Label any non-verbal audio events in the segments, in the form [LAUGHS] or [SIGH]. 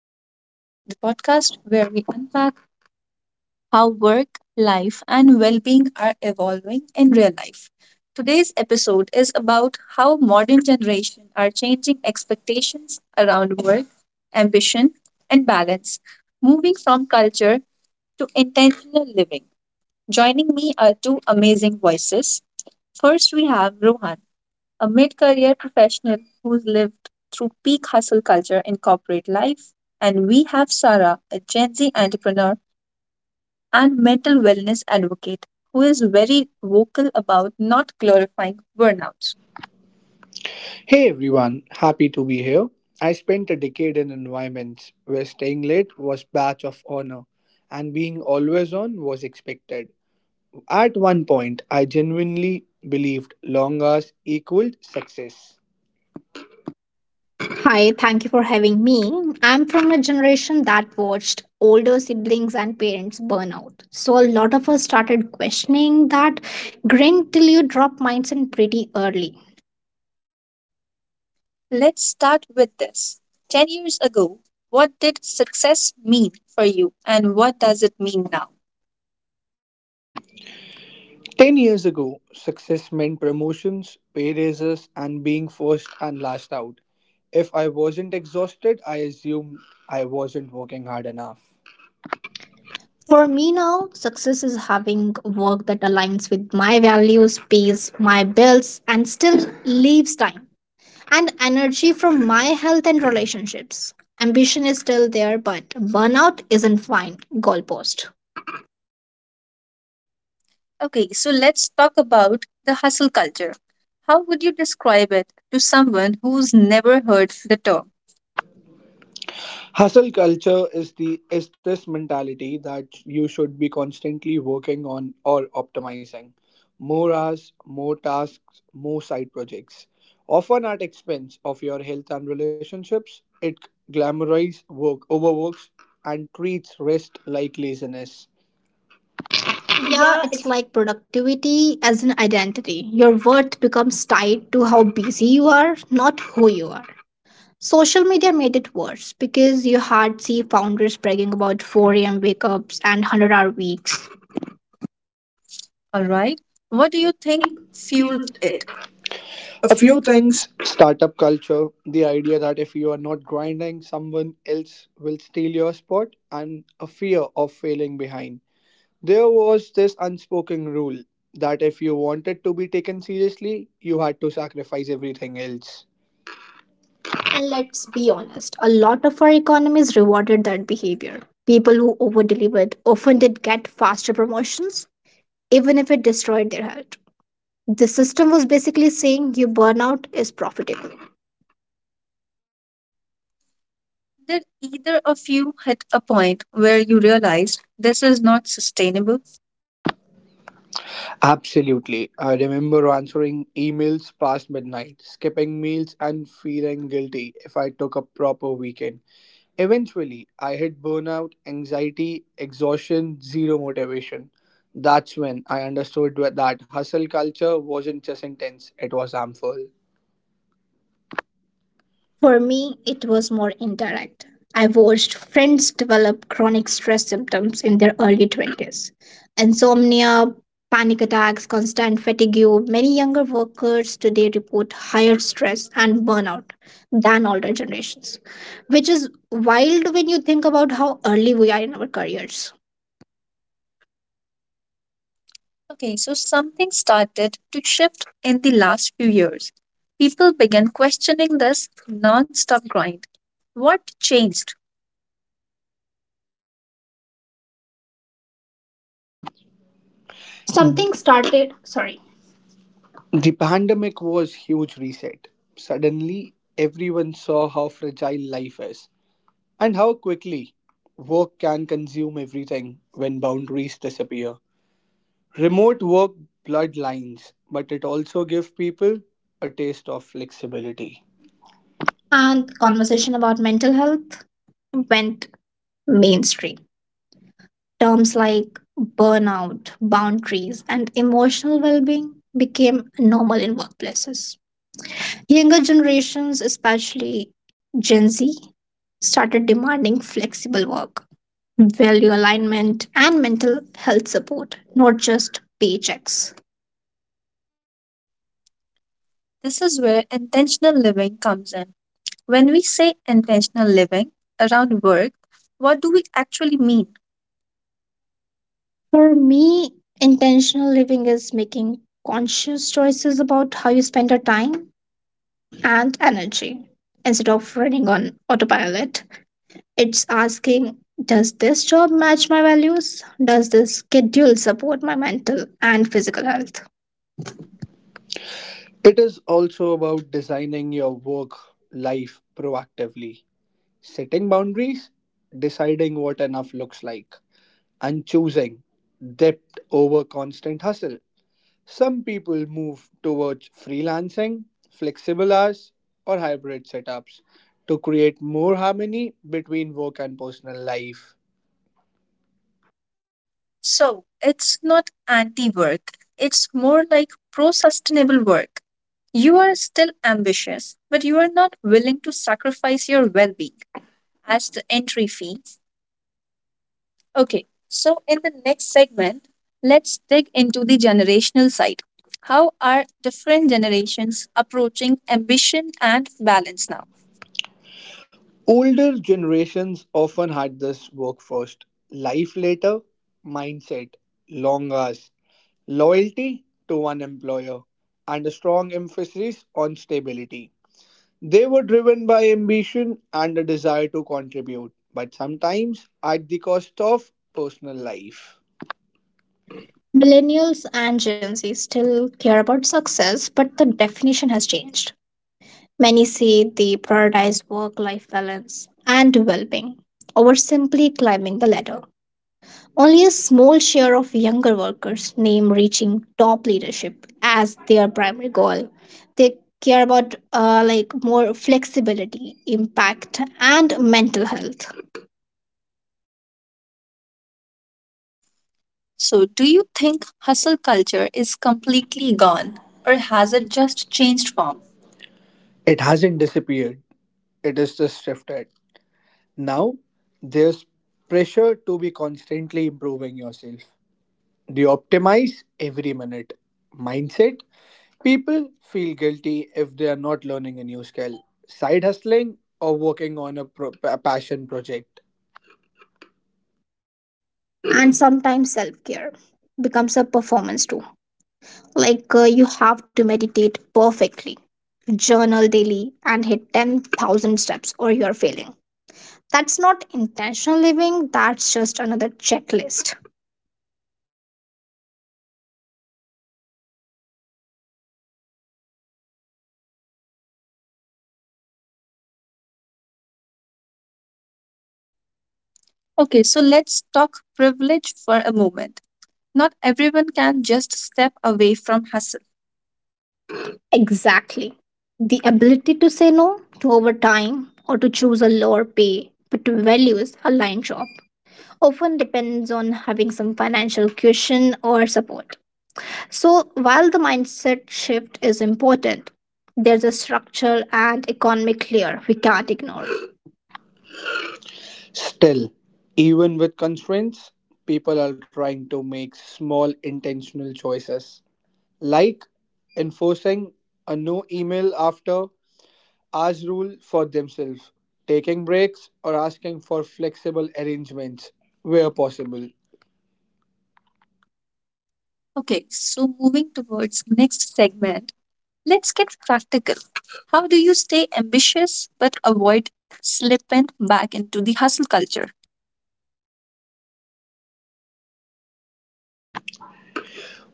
podcast, the podcast where we unpack how work, life, and well being are evolving in real life. Today's episode is about how modern generation are changing expectations around work, ambition, and balance, moving from culture to intentional living. Joining me are two amazing voices. First, we have Rohan, a mid career professional who's lived through peak hustle culture in corporate life. And we have Sarah, a Gen Z entrepreneur and mental wellness advocate, who Is is very very vocal about not glorifying burnouts. Hey everyone, happy to be here. I spent a decade in environments where staying late was badge of honor and being always on was expected. At one point, I genuinely believed long hours equaled success. Hi, thank you for having me. I'm from a generation that watched older siblings and parents burn out. So, a lot of us started questioning that grind till you drop mindset pretty early. Let's start with this. 10 years ago, what did success mean for you, and what does it mean now? 10 years ago, success meant promotions, pay raises, and being first and last out. If I wasn't exhausted, I assumed I wasn't working hard enough. For me now, success is having work that aligns with my values, pays my bills, and still leaves time and energy from my health and relationships. Ambition is still there, but burnout isn't fine. Goalpost. Okay, so let's talk about the hustle culture. How would you describe it to someone who's never heard the term? Hustle culture is this mentality that you should be constantly working on or optimizing. More hours, more tasks, more side projects. Often at expense of your health and relationships, it glamorizes work, overworks, and treats rest like laziness. Yeah, Yeah, it's it's like productivity as an identity. Your worth becomes tied to how busy you are, not who you are. Social media made it worse because you hard see founders bragging about 4 a.m. wake ups and 100-hour weeks. All right. What do you you think think fueled fueled it? it. A A few few things. things startup culture, the idea that if you are not grinding, someone else will steal your spot, and a fear of failing behind. There was this unspoken rule that if you wanted to be taken seriously, you had to sacrifice everything else. And And let's let's be be honest. honest, a lot of our economies rewarded that behavior. People who over delivered often did get faster promotions, even if it destroyed their health. The system was basically saying your burnout is profitable. Did either of you hit a point where you realized this is not sustainable? Absolutely. I remember answering emails past midnight, skipping meals, and feeling guilty if I took a proper weekend. Eventually, I hit burnout, anxiety, exhaustion, zero motivation. That's when I understood that hustle culture wasn't just intense, it was harmful. For me, it was more indirect. I watched friends develop chronic stress symptoms in their early 20s, insomnia, panic attacks, constant fatigue. Many younger workers today report higher stress and burnout than older generations, which is wild when you think about how early we are in our careers. Okay, so something started to shift in the last few years. People began questioning this non stop grind. What changed? Something Something started. started, sorry, Sorry. The pandemic was huge reset. Suddenly, everyone saw how fragile life is and how quickly work can consume everything when boundaries disappear. Remote work blurred lines, but it also gave people a taste of flexibility. And and conversation. conversation about mental health went mainstream. Terms like burnout, boundaries, and emotional well being became normal in workplaces. Younger generations, especially Gen Z, started demanding flexible work, value alignment, and mental health support, not just paychecks. This is where intentional living comes in. When we say intentional living around work, what do we actually mean? For me, intentional living is making conscious choices about how you spend your time and energy instead of running on autopilot. It's asking, does this job match my values? Does this schedule support my mental and physical health? It is also about designing your work life proactively, setting boundaries, deciding what enough looks like, and choosing depth over constant hustle. Some people move towards freelancing, flexible hours, or hybrid setups to create more harmony between work and personal life. So it's not anti work, it's more like pro sustainable work. You are still ambitious, but you are not willing to sacrifice your well being as the entry fee. Okay, so in the next segment, let's dig into the generational side. How are different generations approaching ambition and balance now? Older generations often had this work first, life later mindset, long hours, loyalty to one employer, and a strong emphasis on stability. They were driven by ambition and a desire to contribute, but sometimes at the cost of personal life. Millennials and Gen Z still care about success, but the definition has changed. Many say they prioritize work life balance and well being over simply climbing the ladder. Only a small share of younger workers name reaching top leadership as their primary goal. They care about like more flexibility, impact, and mental health, So, do you think hustle culture is completely Completely gone, gone, or or has has it it just just changed changed form? form? It hasn't disappeared, it is just shifted. Now, there's pressure to be constantly improving yourself. Do you optimize every minute? Mindset People feel guilty if they are not learning a new skill, side hustling, or working on a passion project. and sometimes self care becomes a performance too. Like you have to meditate perfectly, journal daily, and hit 10,000 steps, or you're failing. That's not intentional living. That's just another checklist. Okay, so let's talk privilege for a moment. Not everyone can just step away from hustle. Exactly. The ability to say no to overtime or to choose a lower pay but to values aligned job often depends on having some financial cushion or support. So while the mindset shift is important, there's a structural and economic layer we can't ignore. Still, even with constraints, people are trying to make small intentional choices, like enforcing a no email after as rule for themselves, taking breaks or asking for flexible arrangements where possible. Okay, so moving towards next segment, let's get practical. How do you stay ambitious but avoid slipping back into the hustle culture?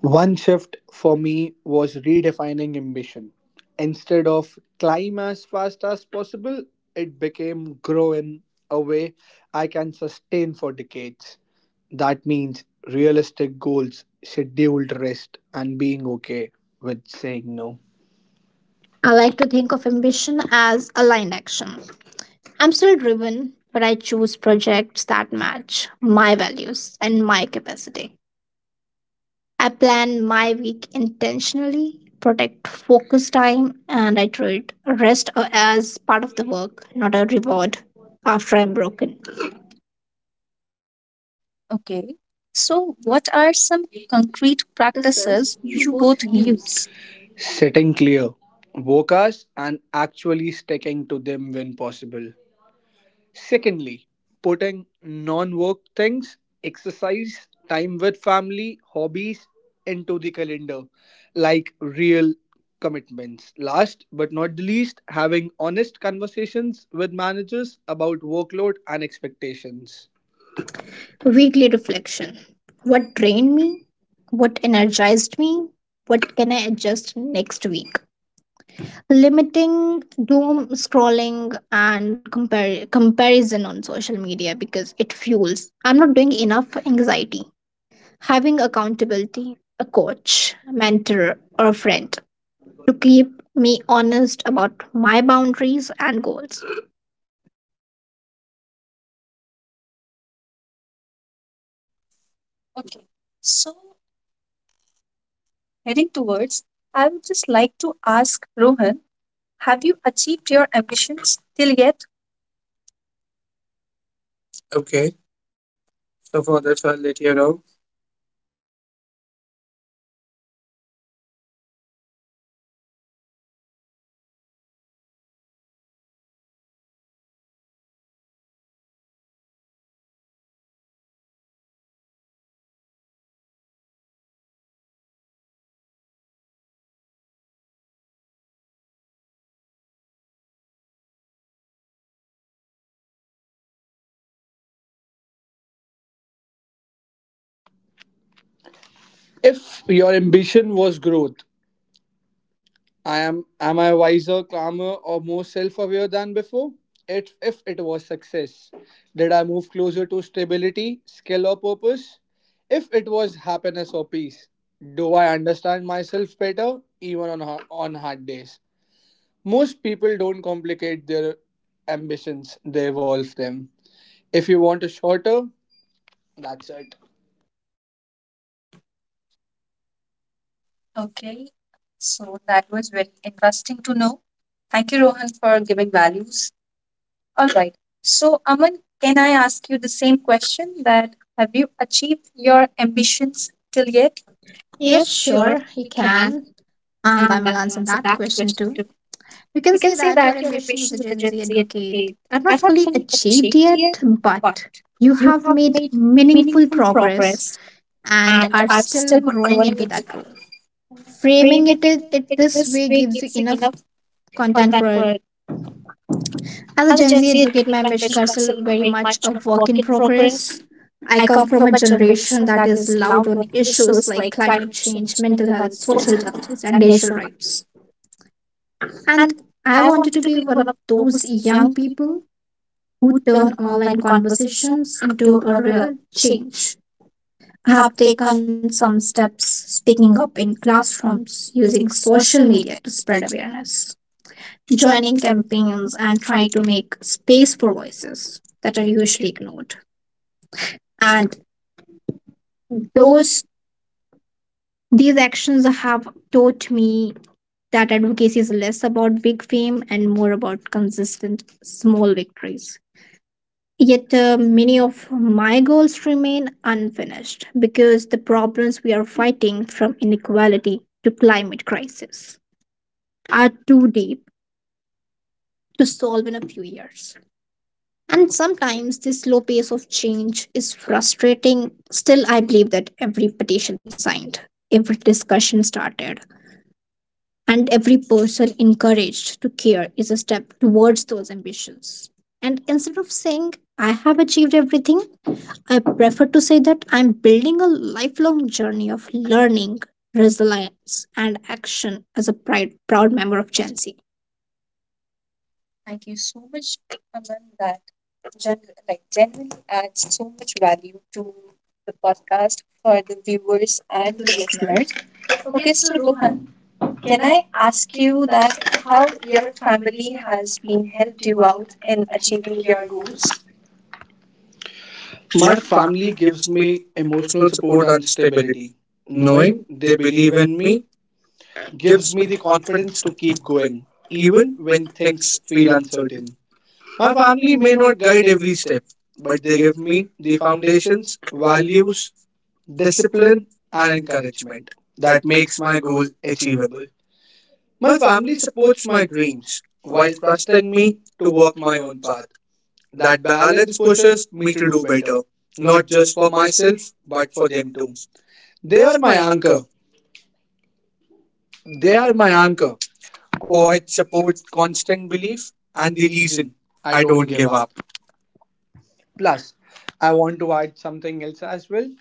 One shift for me was redefining ambition. Instead of climb as fast as possible, it became grow in a way I can sustain for decades. That means realistic goals, scheduled rest, and being okay with saying no. I I like like to to think think of of ambition ambition as aligned action. I'm still driven, but I choose projects that match my values and my capacity. I plan my week intentionally, protect focus time, and I treat rest as part of the work, not a reward after I'm broken. Okay. So what are some concrete practices practices you you both both use. use? Setting clear focus and actually sticking to them when possible. Secondly, putting non work things, exercise, time with family, hobbies into the calendar, like real commitments. Last but not the least, having honest conversations with managers about workload and expectations. Weekly reflection. What drained me? What energized me? What can I adjust next week? Limiting doom scrolling and comparison on social media because it fuels. I'm not doing enough anxiety. Having accountability, a coach, mentor, or a friend to keep me honest about my boundaries and goals? Okay. So heading towards, I would just like to ask Rohan, have you achieved your ambitions till yet? If your ambition was growth, I am I wiser, calmer, or more self-aware than before? If it was success, did I move closer to stability, skill, or purpose? If it was happiness or peace, do I understand myself better, even on on hard days? Most people don't complicate their ambitions; they evolve them. If you want a shorter, that's it. Okay, so that was very interesting to know. Thank you, Rohan, for giving values. All right. So, Aman, can I ask you the same question, that have you achieved your ambitions till Yet, yet? yes, Yeah, sure, sure, you he can. can. And I And I will will answer answer that that question question too. too. You can You say can say that your that your ambitions as a ambitions as a Gen Z Gen Z advocate advocate are are not not fully fully achieved achieved yet, yet, but but you you have have made made meaningful meaningful progress progress and and are are still still growing growing into into that that. role. Framing it, Framing it, it, it it this way this way gives you gives you enough enough content content for. for it. As a As Gen a Z Gen Z advocate, my advocate, my ambitions are mission still is still very very much a much a work in work in progress. progress. I I come from come a from a generation that generation is that is loud on loud on issues issues like like climate climate change, change, mental health, mental health, social social justice, and justice, and digital racial rights. rights. And And I I wanted to be wanted to one be of one of those those young young people people who who turn turn online online conversations conversations into a into a real real change. change. I have I have taken taken some some steps steps speaking up speaking in up in classrooms classrooms using using social social media to media to spread spread awareness, awareness, joining joining campaigns campaigns and and trying to trying to make make space for space for voices voices that are that are usually usually ignored. ignored. And And those those, these actions have taught me that advocacy is less about big fame and more about consistent small victories. Yet many of my goals remain unfinished because the problems we are fighting, from inequality to climate crisis, are too deep to solve in a few years. And sometimes this slow pace of change is frustrating. Still, I believe that every petition signed, every discussion started, and every person encouraged to care is a step towards those ambitions. And instead of saying, I have achieved everything, I prefer to say that I'm building a lifelong journey of learning, resilience, and action as a pride, proud member of Gen Z. thank you so much, Aman, that like genuinely adds so much value to the podcast for the viewers And and the the listeners. listeners. Okay, Okay, so so Rohan, Rohan, can can I I ask ask you you that that how how your your family family has has been been helped helped you you out out in in achieving achieving your your goals? goals? My My family family gives gives me me emotional emotional support support and and stability, stability. knowing Knowing they they believe believe in in me me gives gives me me the the confidence confidence to to keep keep going, going, even even when when things things feel feel uncertain. uncertain. My My family family may may not not guide guide every every step, step, but but they they give give me me the the foundations, foundations, values, values, discipline, discipline and and encouragement encouragement that that makes makes my my goal goal achievable. achievable. My My family family supports supports my my dreams dreams while while trusting trusting me me to to walk walk my my own own path. path. That That balance balance pushes pushes me me to to do do better, better, not not just just for for myself, myself, but but for for them them too. too. They They are are my my anchor. anchor. They They are are my my anchor. anchor. Quiet Cohen support, supports constant constant belief, belief and and the the reason reason I I don't don't give give up. up. Plus, I want to add something else as well.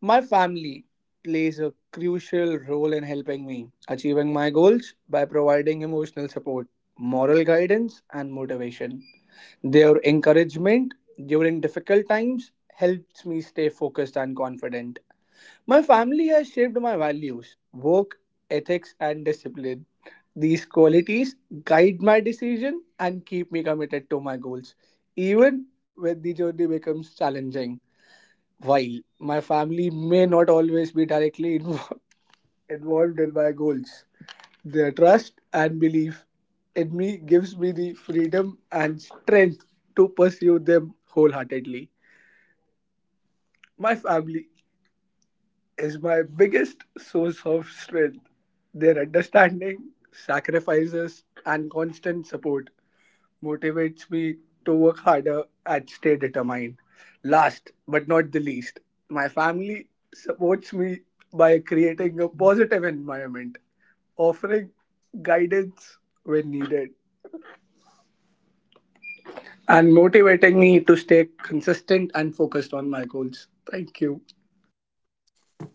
My family plays a crucial role in helping me achieving my goals by providing emotional support, moral guidance, and motivation. Their encouragement during difficult times helps me stay focused and confident. My family has shaped my values, work, ethics, and discipline. These qualities guide my decision and keep me committed to my goals, even when the journey becomes challenging. While my family may not always be directly [LAUGHS] involved in my goals, their trust and belief in me gives me the freedom and strength to pursue them wholeheartedly. My family is my biggest source of strength. Their understanding, sacrifices, and constant support motivates me to work harder and stay determined. Last but not the least, my family supports me by creating a positive environment, offering guidance when needed, and motivating me to stay consistent and focused on my goals. Thank you.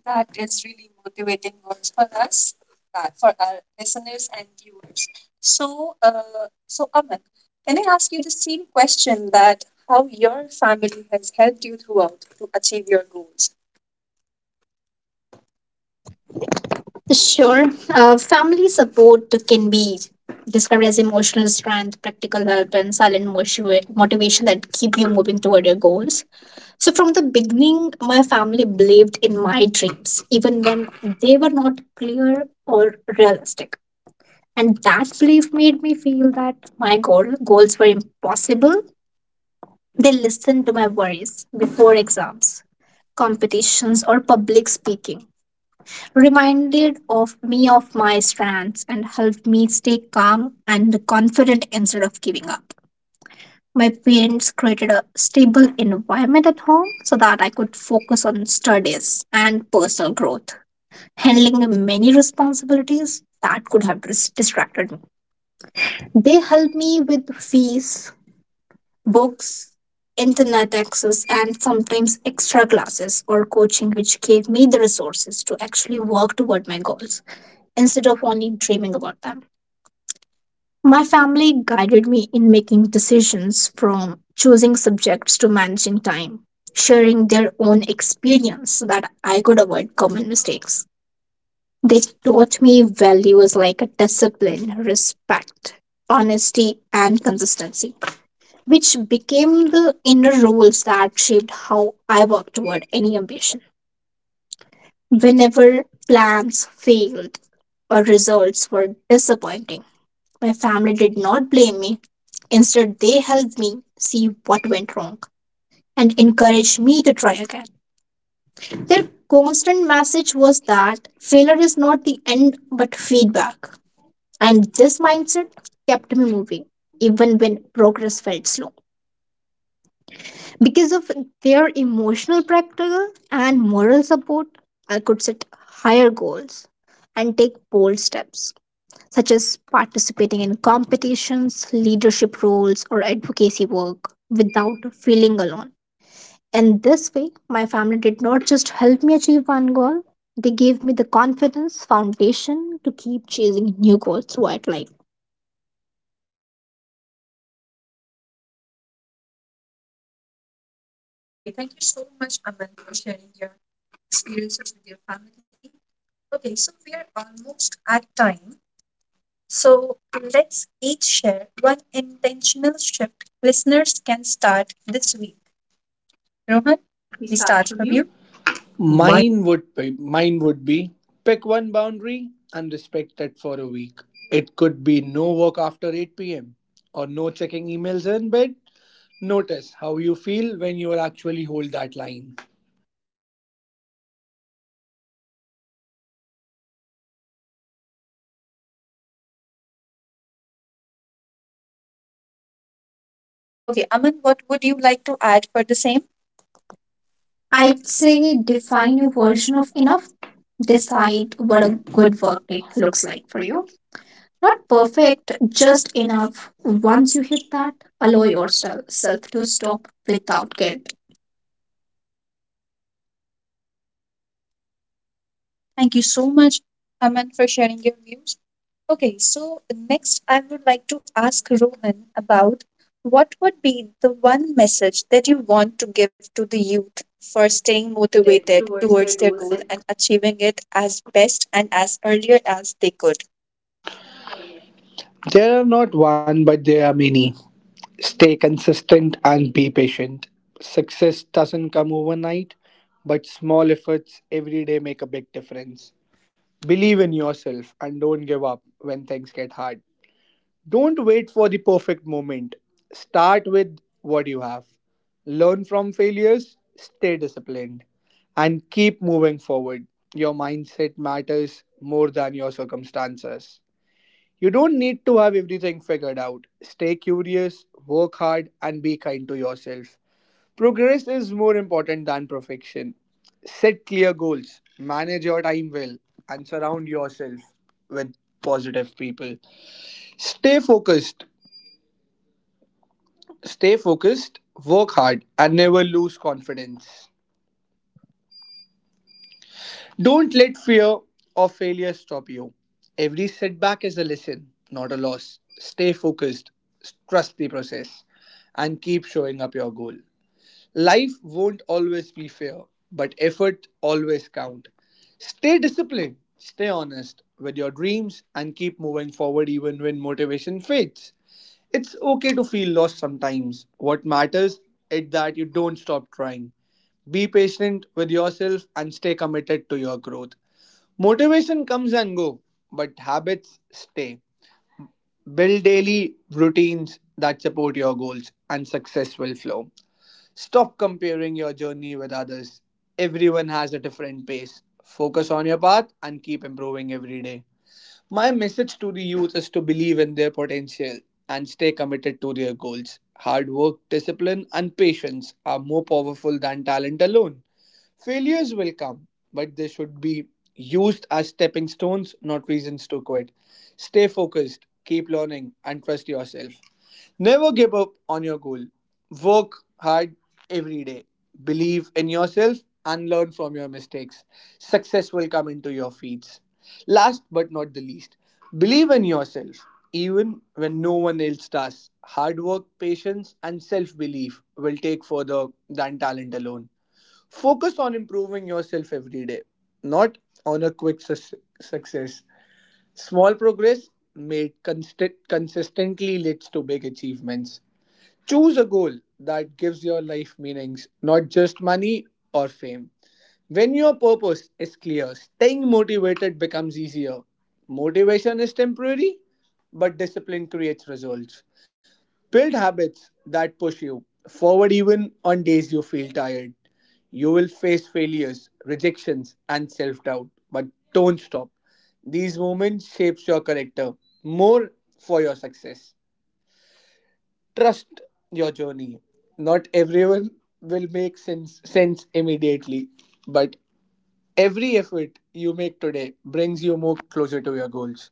That is really motivating words for us, for our listeners and viewers. So, so Aman, can I ask you the same question, that how your family has helped you throughout to achieve your goals? Sure. Sure. Family Family support support can can be be described described as as emotional emotional strength, strength, practical practical help, help, and and silent silent motivation motivation that that keep keep you you moving moving toward toward your your goals. goals. So, So, from from the the beginning, beginning, my my family family believed believed in in my my dreams, dreams, even even when when they they were were not not clear clear or or realistic. realistic. And And that that belief belief made made me me feel feel that that goals goals were were impossible. impossible. They They listened listened to to my my worries worries before before exams, exams, competitions, competitions, or or public public speaking speaking, reminded reminded of of me me of of my my strengths strengths and and helped helped me me stay stay calm calm and and confident confident instead instead of of giving giving up. up. My My parents parents created created a a stable stable environment environment at at home home so so that that I I could could focus focus on on studies studies and and personal personal growth, growth, handling handling many many responsibilities responsibilities that that could could have have distracted distracted me. me. They They helped helped me me with with fees, fees, books, books, internet internet access, access, and and sometimes sometimes extra extra classes classes or or coaching, coaching, which which gave gave me me the the resources resources to to actually actually work work toward toward my my goals goals instead instead of of only only dreaming dreaming about about them. them. My My family family guided guided me me in in making making decisions decisions from from choosing choosing subjects subjects to to managing managing time, time, sharing sharing their their own own experience experience so so that that I I could could avoid avoid common common mistakes. mistakes. They They taught taught me me values values like like discipline, discipline, respect, respect, honesty, honesty, and and consistency, consistency, which which became became the the inner inner rules rules that that shaped shaped how how I I worked worked toward toward any any ambition. ambition. Whenever Whenever plans plans failed failed or or results results were were disappointing, disappointing, my my family family did did not not blame blame me. me. Instead, Instead, they they helped helped me me see see what what went went wrong wrong and and encouraged encouraged me me to to try try again. again. Their Their constant constant message message was was that that failure failure is is not not the the end end but but feedback, feedback. and And this this mindset mindset kept kept me me moving moving even even when when progress progress felt felt slow. slow. Because of their emotional, practical, and moral support, I could set higher goals and take bold steps, such as participating in competitions, leadership roles, or advocacy work without feeling alone. And this way, my family did not just help me achieve one goal, they gave me the confidence foundation to keep chasing new goals throughout life. Okay, thank you so much, Aman, for sharing your experiences with your family. Okay, so we are almost at time. So let's each share one intentional shift listeners can start this week. Rohan, We we start start from from you. you. Mine would be pick one boundary and respect it for a week. It could be no work after 8 p.m. or no checking emails in bed. Notice how you feel when you actually hold that line. Okay, Aman, what would you like to add for the same? I'd I'd say say define define your your version version of of enough. enough. Decide Decide what what a good good work work day it looks looks like like for for you. you. Not Not perfect, perfect, just just enough. enough. Once Once you you hit hit that, that, allow allow yourself yourself self to to stop stop without without guilt. guilt. Thank you so much, Aman, for sharing your views. Okay, so next I would like to ask Rohan about what would be the one message that you want to give to the youth for Staying staying motivated motivated towards towards their their goal goal and and achieving it as best and as earlier as they could. There are not one, but there are many. Stay consistent and be patient. Success doesn't come overnight, but small efforts every day make a big difference. Believe in yourself and don't give up when things get hard. Don't wait for the perfect moment. Start with what you have. Learn from failures, stay disciplined, and keep moving forward. Your mindset matters more than your circumstances. You don't need to have everything figured out. Stay curious, work hard, and be kind to yourself. Progress is more important than perfection. Set clear goals, manage your time well, and surround yourself with positive people. Stay focused Stay focused, work hard, and never lose confidence. Don't let fear or failure stop you. Every setback is a lesson, not a loss. Stay focused, trust the process, and keep showing up your goal. Life won't always be fair, but effort always count. Stay disciplined, stay honest with your dreams, and keep moving forward even when motivation fades. It's okay to feel lost sometimes. What matters is that you don't stop trying. Be patient with yourself and stay committed to your growth. Motivation comes and go, but habits stay. Build daily routines that support your goals and success will flow. Stop comparing your journey with others. Everyone has a different pace. Focus on your path and keep improving every day. My message to the youth is to believe in their potential and stay committed to their goals. Hard work, discipline, and patience are more powerful than talent alone. Failures will come, but they should be used as stepping stones, not reasons to quit. Stay focused, keep learning, and trust yourself. Never give up on your goal. Work hard every day. Believe in yourself and learn from your mistakes. Success will come into your feet. Last but not the least, believe in yourself even when no one else does. Hard work, patience, and self belief will take further than talent alone. Focus on improving yourself every day, not on a quick success. Small progress made consistently leads to big achievements. Choose a goal that gives your life meanings, not just money or fame. When your purpose is clear, staying motivated becomes easier. Motivation is temporary, but discipline creates results. Build habits that push you forward even on days you feel tired. You will face failures, rejections, and self doubt, but don't stop. These moments shapes your character more for your success. Trust your journey. Not everyone will make sense immediately, but every effort you make today brings you more closer to your goals.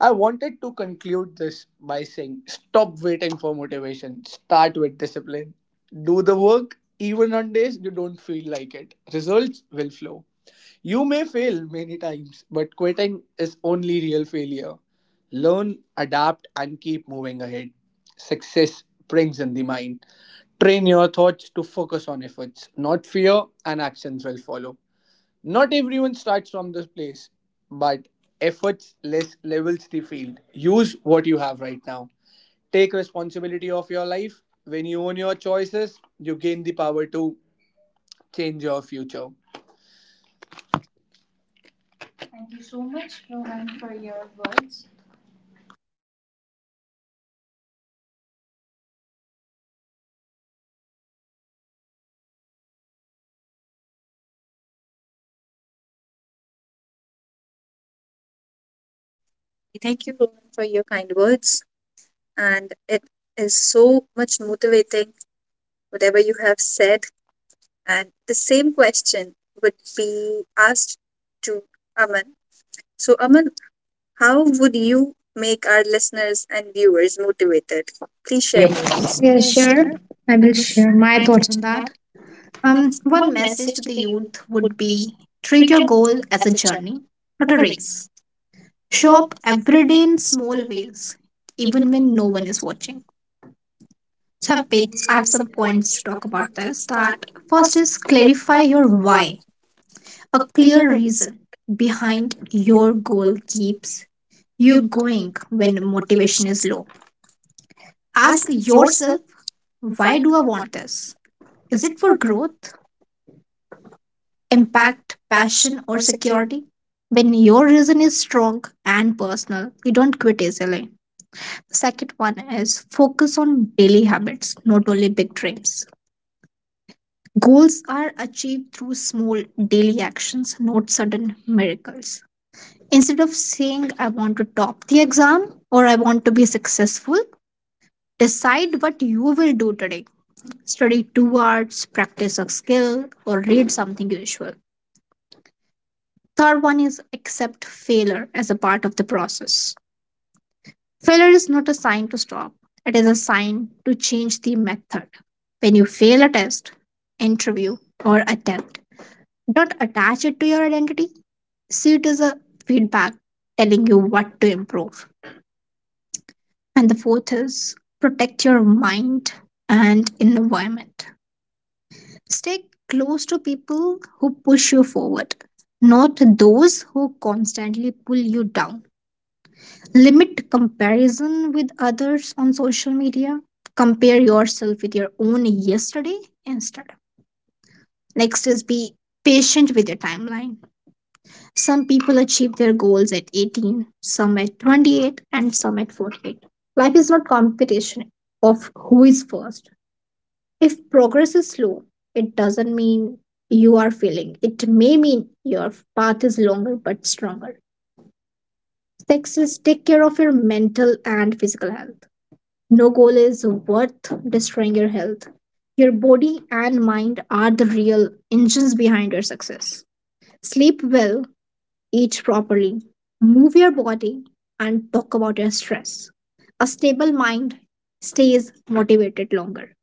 I wanted to conclude this by saying stop waiting for motivation, start with discipline. Do the work even on days you don't feel like it. Results will flow. You may fail many times, but quitting is only real failure. Learn, adapt, and keep moving ahead. Success brings in the mind. Train your thoughts to focus on efforts, not fear, and actions will follow. Not everyone starts from this place, but efforts less levels the field. Use what you have right now. Take responsibility of your life. When you own your choices, you gain the power to change your future. Thank you so much, Rohan, for your words. Thank you, Rohan, for your kind words. And it is so much motivating, whatever you have said. And the same question would be asked to Aman. So, Aman, how would you make our listeners and viewers motivated? Please Please share share your your views. words. Yeah, Yeah, sure. sure. I I will will share share my my thoughts thoughts on on that. that. One One message message to to the the youth youth would would be be treat treat your your goal goal as as a a journey, journey, not not a a race. race. Show Show up up every every day day in in small small ways, ways, even even when when no no one one is is watching. watching. I picked I have up some some points points to to talk talk about about this. this. That That first first is is clarify clarify your your why, why. A a clear clear reason reason behind behind your your goal goal keeps keeps you you going going when when the motivation motivation is is low. low. Ask Ask yourself, yourself, why why do do I I want want this? this? Is Is it it for for growth, growth, impact, impact, passion, passion, or or security? security? When your reason is strong and personal, you don't quit easily. Second one is focus on daily habits, not only big dreams. Goals are achieved through small daily actions, not sudden miracles. Instead of saying, I want to top the exam or I want to be successful, decide what you will do today. Study two arts, practice a skill, or read something usual. Third one is accept failure as a part of the process. Failure is not a sign to stop, it is a sign to change the method. When you fail a test, interview, or attempt, don't attach it to your identity. See it as a feedback telling you what to improve. And the fourth is protect your mind and environment. Stay close to people who push you forward, not those who constantly pull you down. Limit comparison with others on social media. Compare yourself with your own yesterday instead. Next is be patient with your timeline. Some people achieve their goals at 18, some at 28, and some at 48. Life is not competition of who is first. If progress is slow, it doesn't mean you are failing. It may mean your path is longer but stronger. Next is take care of your mental and physical health. No goal is worth destroying your health. Your body and mind are the real engines behind your success. Sleep well, eat properly, move your body, and talk about your stress. A stable mind stays motivated longer.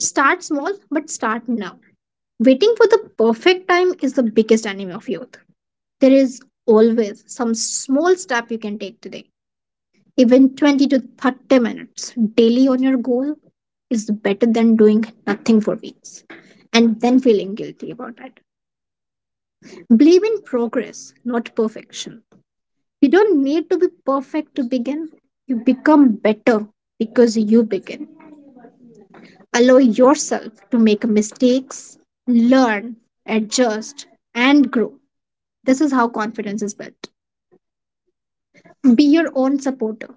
Start small, but start now. Waiting for the perfect time is the biggest enemy of youth. There is always some small step you can take today. Even 20 to 30 minutes daily on your goal is better than doing nothing for weeks and then feeling guilty about it. Believe in progress, not perfection. You don't need to be perfect to begin. You become better because you begin. Allow yourself to make mistakes, learn, adjust, and grow. This is how confidence is built. Be your own supporter.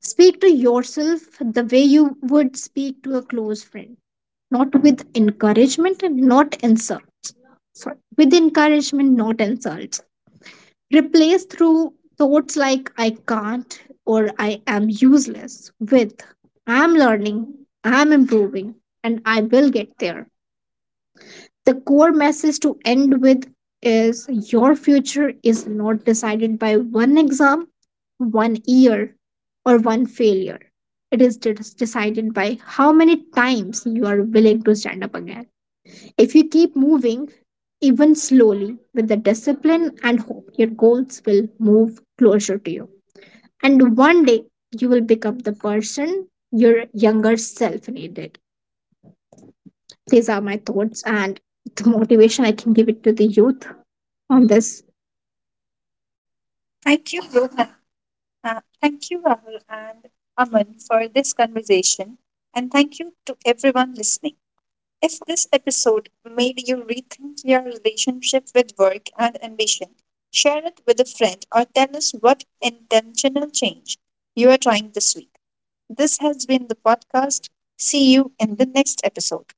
Speak to yourself the way you would speak to a close friend, not with encouragement and not insults. Sorry, with encouragement, not insults. Replace through thoughts like I can't or I am useless with I'm learning, I'm improving, and I will get there. The core message to end with is your future is not decided by one exam, one year, or one failure. It is decided by how many times you are willing to stand up again. If you keep moving, even slowly, with the discipline and hope, your goals will move closer to you. And one day, you will become the person your younger self needed. These are my thoughts and the motivation I can give it to the youth on this Thank you, Rohan. Thank you, Rahul and Aman, for this conversation. And thank you to everyone listening. If this episode made you rethink your relationship with work and ambition, share it with a friend or tell us what intentional change you are trying this week. This has been the podcast. See you in the next episode.